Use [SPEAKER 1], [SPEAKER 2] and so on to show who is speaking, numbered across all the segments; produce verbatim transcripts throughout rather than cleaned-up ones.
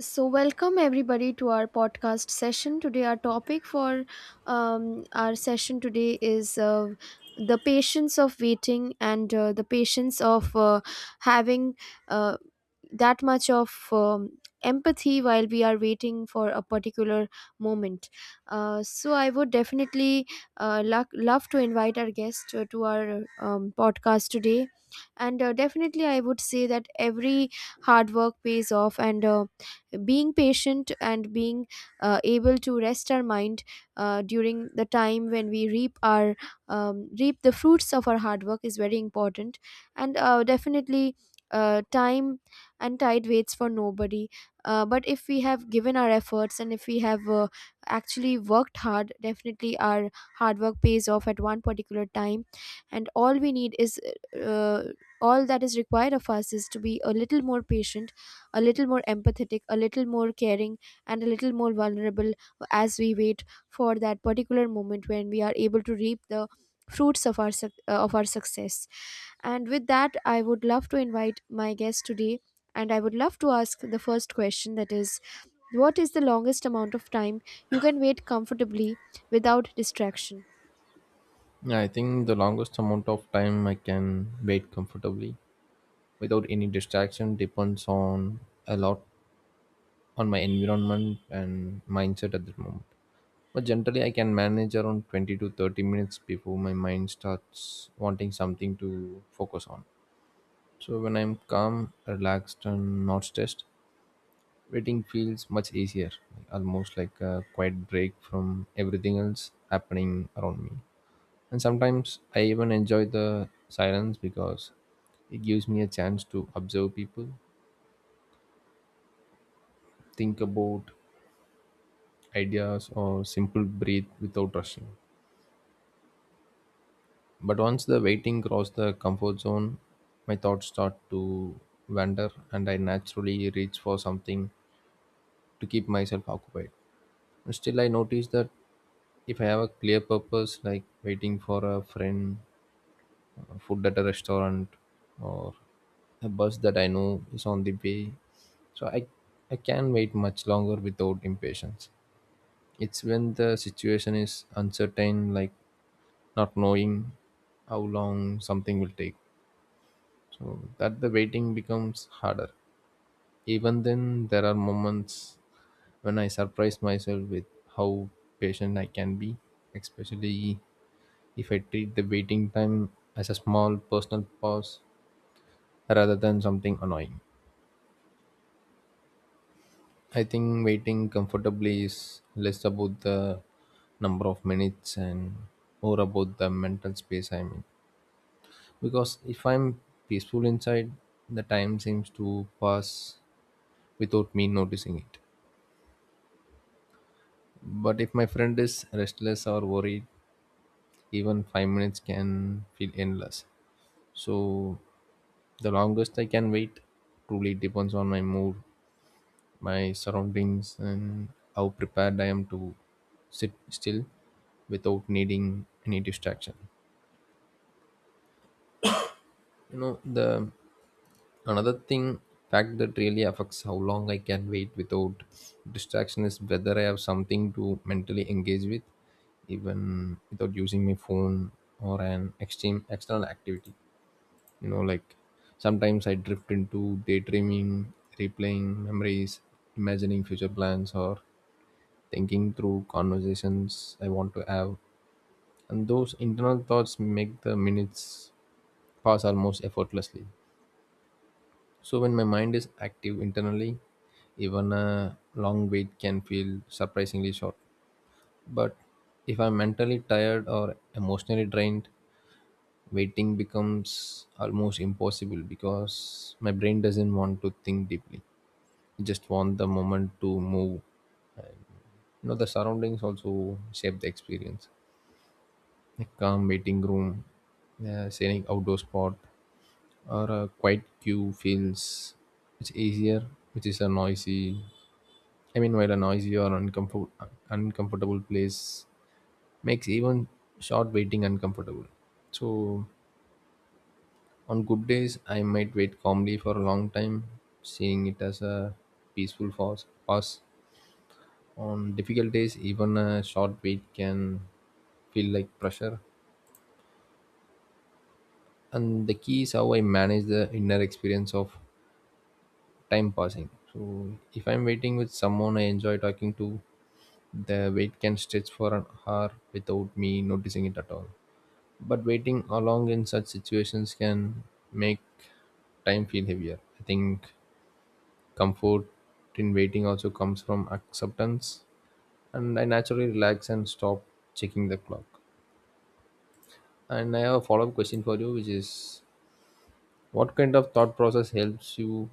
[SPEAKER 1] So, welcome everybody to our podcast session. Today, our topic for um, our session today is uh, the patience of waiting and uh, the patience of uh, having uh, that much of um, empathy while we are waiting for a particular moment. Uh, so, I would definitely uh, lo- love to invite our guest to, to our um, podcast today. And uh, definitely, I would say that every hard work pays off, and um, being patient and being uh, able to rest our mind uh, during the time when we reap our um, reap the fruits of our hard work is very important, and uh, definitely uh, time and tide waits for nobody. Uh, but if we have given our efforts, and if we have uh, actually worked hard, definitely our hard work pays off at one particular time. And all we need is uh, all that is required of us is to be a little more patient, a little more empathetic, a little more caring, and a little more vulnerable as we wait for that particular moment when we are able to reap the fruits of our suc- uh, of our success. And with that, I would love to invite my guest today, and I would love to ask the first question, that is: what is the longest amount of time you can wait comfortably without distraction?
[SPEAKER 2] Yeah, I think the longest amount of time I can wait comfortably without any distraction depends on a lot on my environment and mindset at the moment. But generally, I can manage around twenty to thirty minutes before my mind starts wanting something to focus on. So when I'm calm, relaxed, and not stressed, waiting feels much easier, almost like a quiet break from everything else happening around me. And sometimes I even enjoy the silence because it gives me a chance to observe people, think about ideas, or simple breathe without rushing. But once the waiting crosses the comfort zone, my thoughts start to wander and I naturally reach for something to keep myself occupied. And still, I notice that if I have a clear purpose, like waiting for a friend or food at a restaurant or a bus that I know is on the way. So I, I can't wait much longer without impatience. It's when the situation is uncertain, like not knowing how long something will take. So that the waiting becomes harder. Even then, there are moments when I surprise myself with how patient I can be, especially if I treat the waiting time as a small personal pause rather than something annoying. I think waiting comfortably is less about the number of minutes and more about the mental space I'm in. Because if I'm peaceful inside, the time seems to pass without me noticing it. But if my friend is restless or worried, even five minutes can feel endless. So the longest I can wait truly depends on my mood, my surroundings, and how prepared I am to sit still without needing any distraction. You know, the another thing fact that really affects how long I can wait without distraction is whether I have something to mentally engage with, even without using my phone or an extreme external activity. You know, like, sometimes I drift into daydreaming, replaying memories, imagining future plans or thinking through conversations I want to have, and those internal thoughts make the minutes pass almost effortlessly. So when my mind is active internally, even a long wait can feel surprisingly short. But if I'm mentally tired or emotionally drained, waiting becomes almost impossible because my brain doesn't want to think deeply. It just want the moment to move. You know, the surroundings also shape the experience. A calm waiting room, a scenic outdoor spot, or a quiet queue feels it's easier, which is a noisy. I mean, while a noisy or uncomfort, uncomfortable place makes even short waiting uncomfortable. So, on good days, I might wait calmly for a long time, seeing it as a peaceful pause. pause. On difficult days, even a short wait can feel like pressure. And the key is how I manage the inner experience of time passing. So if I'm waiting with someone I enjoy talking to, the wait can stretch for an hour without me noticing it at all. But waiting along in such situations can make time feel heavier. I think comfort in waiting also comes from acceptance, and I naturally relax and stop checking the clock. And I have a follow up question for you, which is what kind of thought process helps you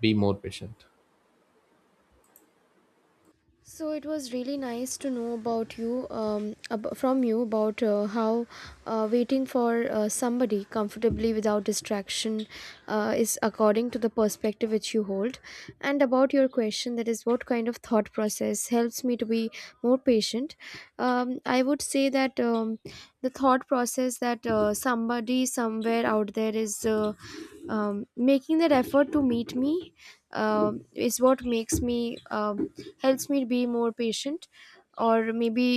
[SPEAKER 2] be more patient?
[SPEAKER 1] So it was really nice to know about you, um, ab- from you about uh, how uh, waiting for uh, somebody comfortably without distraction uh, is according to the perspective which you hold, and about your question, that is what kind of thought process helps me to be more patient. Um, I would say that um, the thought process that uh, somebody somewhere out there is uh, um, making that effort to meet me um is what makes me um, helps me be more patient. Or maybe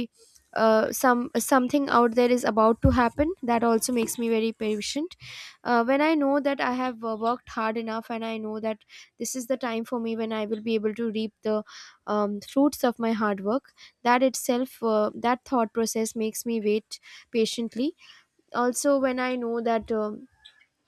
[SPEAKER 1] uh, some something out there is about to happen, that also makes me very patient uh, when I know that I have uh, worked hard enough, and I know that this is the time for me when I will be able to reap the um, fruits of my hard work. That itself, uh, that thought process, makes me wait patiently. Also when I know that um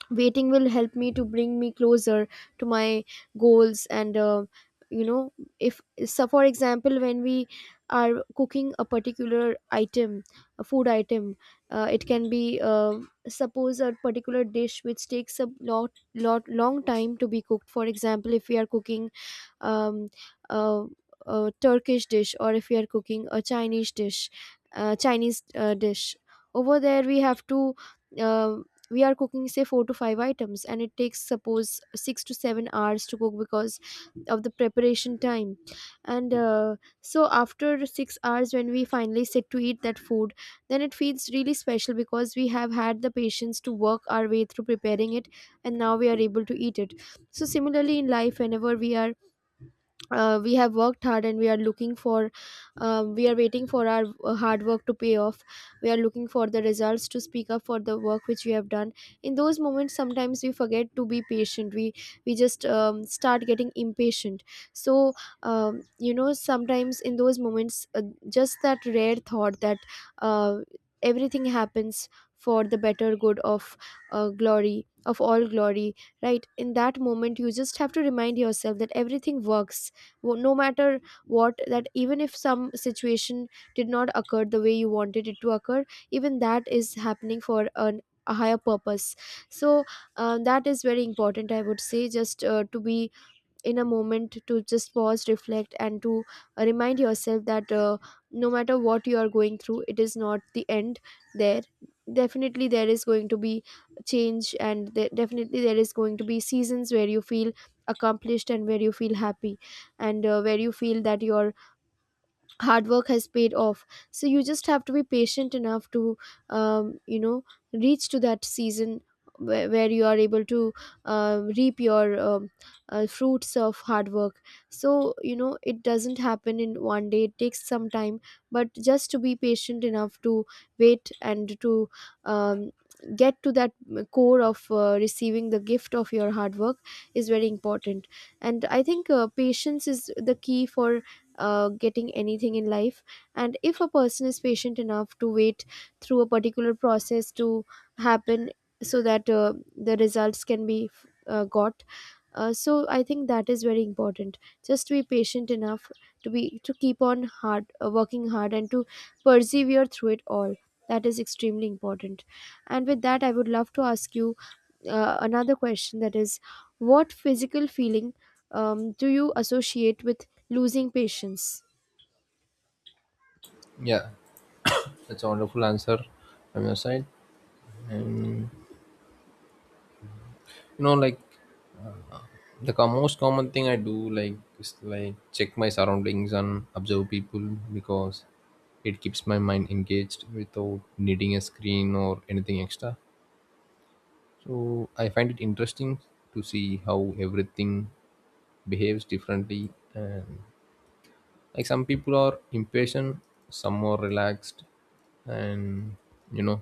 [SPEAKER 1] waiting will help me to bring me closer to my goals. And uh, you know, if, so for example, when we are cooking a particular item, a food item, uh, it can be uh, suppose a particular dish which takes a lot lot long time to be cooked. For example, if we are cooking um, uh, a Turkish dish, or if we are cooking a Chinese dish, uh, Chinese uh, dish. Over there, we have to, uh, we are cooking say four to five items, and it takes suppose six to seven hours to cook because of the preparation time. And uh, so after six hours, when we finally sit to eat that food, then it feels really special because we have had the patience to work our way through preparing it, and now we are able to eat it. So similarly in life, whenever we are uh, we have worked hard and we are looking for, uh, we are waiting for our uh, hard work to pay off, we are looking for the results to speak up for the work which we have done, in those moments sometimes we forget to be patient, we we just um, start getting impatient. So um, you know, sometimes in those moments, uh, just that rare thought that uh, everything happens for the better good of, uh, glory of all glory, right in that moment you just have to remind yourself that everything works, wo- no matter what, that even if some situation did not occur the way you wanted it to occur, even that is happening for an, a higher purpose. So uh, that is very important, I would say, just uh, to be in a moment, to just pause, reflect, and to uh, remind yourself that uh, no matter what you are going through, it is not the end. There, definitely there is going to be change, and there, definitely there is going to be seasons where you feel accomplished, and where you feel happy, and uh, where you feel that your hard work has paid off. So you just have to be patient enough to um, you know, reach to that season where, where you are able to uh, reap your um, uh, fruits of hard work. So you know, it doesn't happen in one day, it takes some time, but just to be patient enough to wait and to um, get to that core of uh, receiving the gift of your hard work is very important. And I think uh, patience is the key for uh, getting anything in life. And if a person is patient enough to wait through a particular process to happen, so that uh, the results can be uh, got, uh, so I think that is very important, just to be patient enough, to be to keep on hard uh, working hard and to persevere through it all. That is extremely important. And with that, I would love to ask you uh, another question, that is: what physical feeling um, do you associate with losing patience?
[SPEAKER 2] Yeah, that's a wonderful answer from your side. and you know like, the co- most common thing I do, like, is, like, check my surroundings and observe people because it keeps my mind engaged without needing a screen or anything extra. So I find it interesting to see how everything behaves differently, and, like, some people are impatient, some are relaxed, and, you know,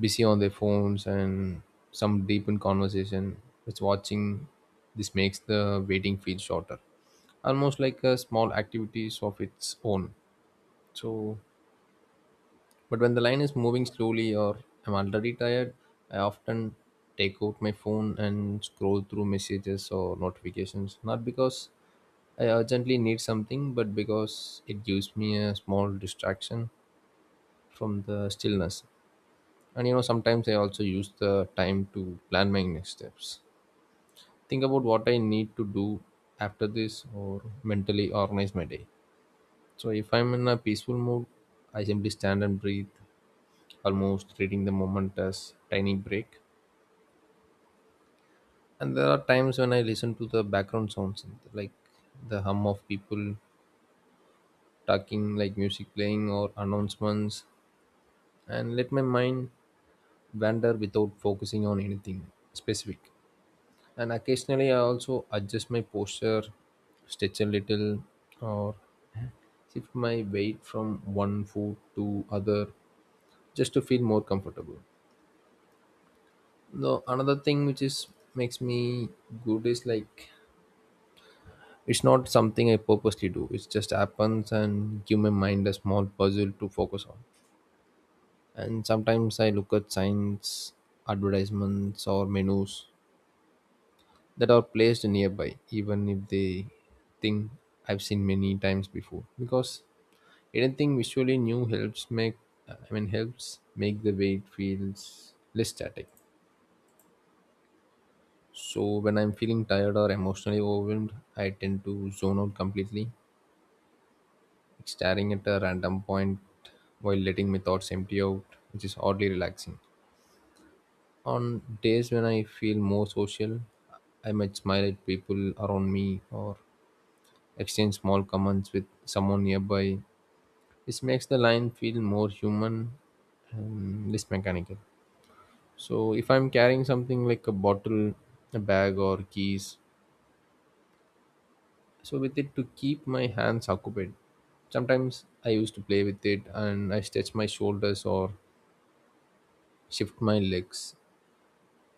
[SPEAKER 2] busy on their phones, and some deep in conversation. It's watching this makes the waiting feel shorter, almost like a small activities of its own. So but when the line is moving slowly or I'm already tired, I often take out my phone and scroll through messages or notifications, not because I urgently need something, but because it gives me a small distraction from the stillness. And you know, sometimes I also use the time to plan my next steps, think about what I need to do after this or mentally organize my day. So if I'm in a peaceful mood, I simply stand and breathe, almost treating the moment as tiny break. And there are times when I listen to the background sounds, like the hum of people talking, like music playing or announcements, and let my mind wander without focusing on anything specific. And occasionally I also adjust my posture, stretch a little, or shift my weight from one foot to other, just to feel more comfortable. No another thing which is makes me good is like, it's not something I purposely do, it just happens and give my mind a small puzzle to focus on. And sometimes I look at signs, advertisements or menus that are placed nearby, even if they think I've seen many times before. Because anything visually new helps make, I mean, helps make the weight feels less static. So when I'm feeling tired or emotionally overwhelmed, I tend to zone out completely, like staring at a random point while letting my thoughts empty out, which is oddly relaxing. On days when I feel more social, I might smile at people around me or exchange small comments with someone nearby. This makes the line feel more human and less mechanical. So if I'm carrying something like a bottle, a bag, or keys, so with it to keep my hands occupied. Sometimes I used to play with it and I stretch my shoulders or shift my legs.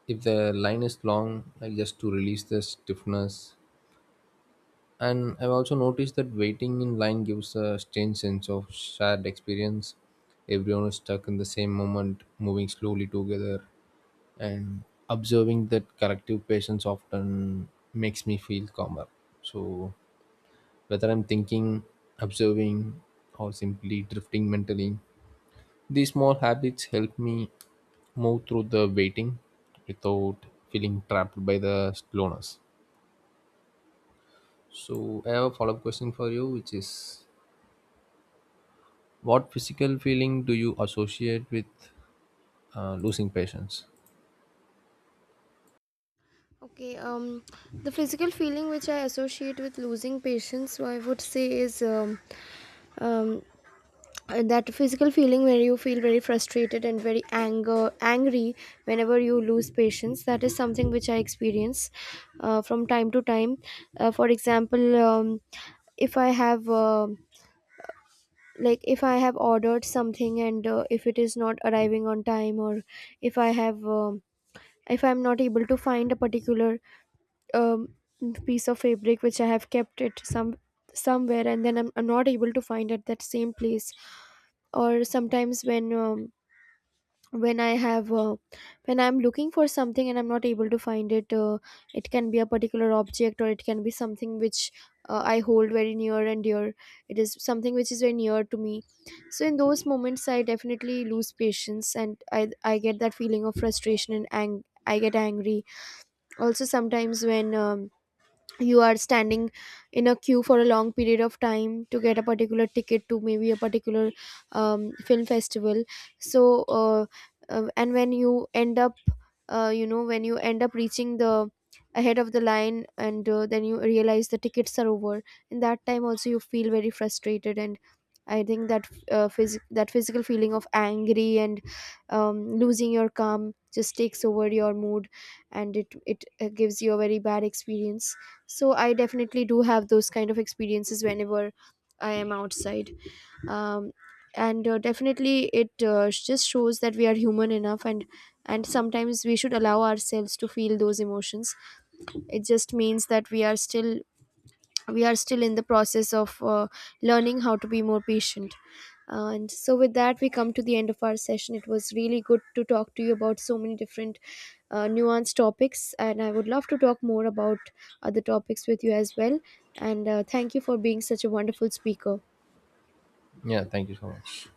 [SPEAKER 2] If the line is long, I just to release the stiffness. And I've also noticed that waiting in line gives a strange sense of shared experience. Everyone is stuck in the same moment, moving slowly together, and observing that collective patience often makes me feel calmer. So, whether I'm thinking, observing, or simply drifting mentally, these small habits help me move through the waiting without feeling trapped by the slowness. So, I have a follow up question for you, which is, what physical feeling do you associate with uh, losing patience?
[SPEAKER 1] Okay, um, the physical feeling which I associate with losing patience, I would say, is um, um, that physical feeling where you feel very frustrated and very anger angry whenever you lose patience. That is something which I experience uh, from time to time. Uh, for example, um, if I have uh, like if I have ordered something, and uh, if it is not arriving on time. Or if I have um, if I'm not able to find a particular um, piece of fabric which I have kept it some somewhere, and then i'm, I'm not able to find it that same place. Or sometimes when um, when I have uh, when I'm looking for something and I'm not able to find it, uh, it can be a particular object, or it can be something which uh, I hold very near and dear, it is something which is very near to me. So in those moments I definitely lose patience, and i i get that feeling of frustration, and ang- I get angry. Also sometimes when um, you are standing in a queue for a long period of time to get a particular ticket to maybe a particular um, film festival. So uh, uh, and when you end up uh, you know, when you end up reaching the, ahead of the line, and uh, then you realize the tickets are over. In that time also you feel very frustrated. And I think that uh, phys- that physical feeling of angry and um, losing your calm just takes over your mood, and it it uh, gives you a very bad experience. So I definitely do have those kind of experiences whenever I am outside. um, and uh, definitely it uh, just shows that we are human enough, and and sometimes we should allow ourselves to feel those emotions. It just means that we are still we are still in the process of uh, learning how to be more patient. Uh, and so with that we come to the end of our session. It was really good to talk to you about so many different uh, nuanced topics, and I would love to talk more about other topics with you as well. And uh, thank you for being such a wonderful speaker.
[SPEAKER 2] Yeah, thank you so much.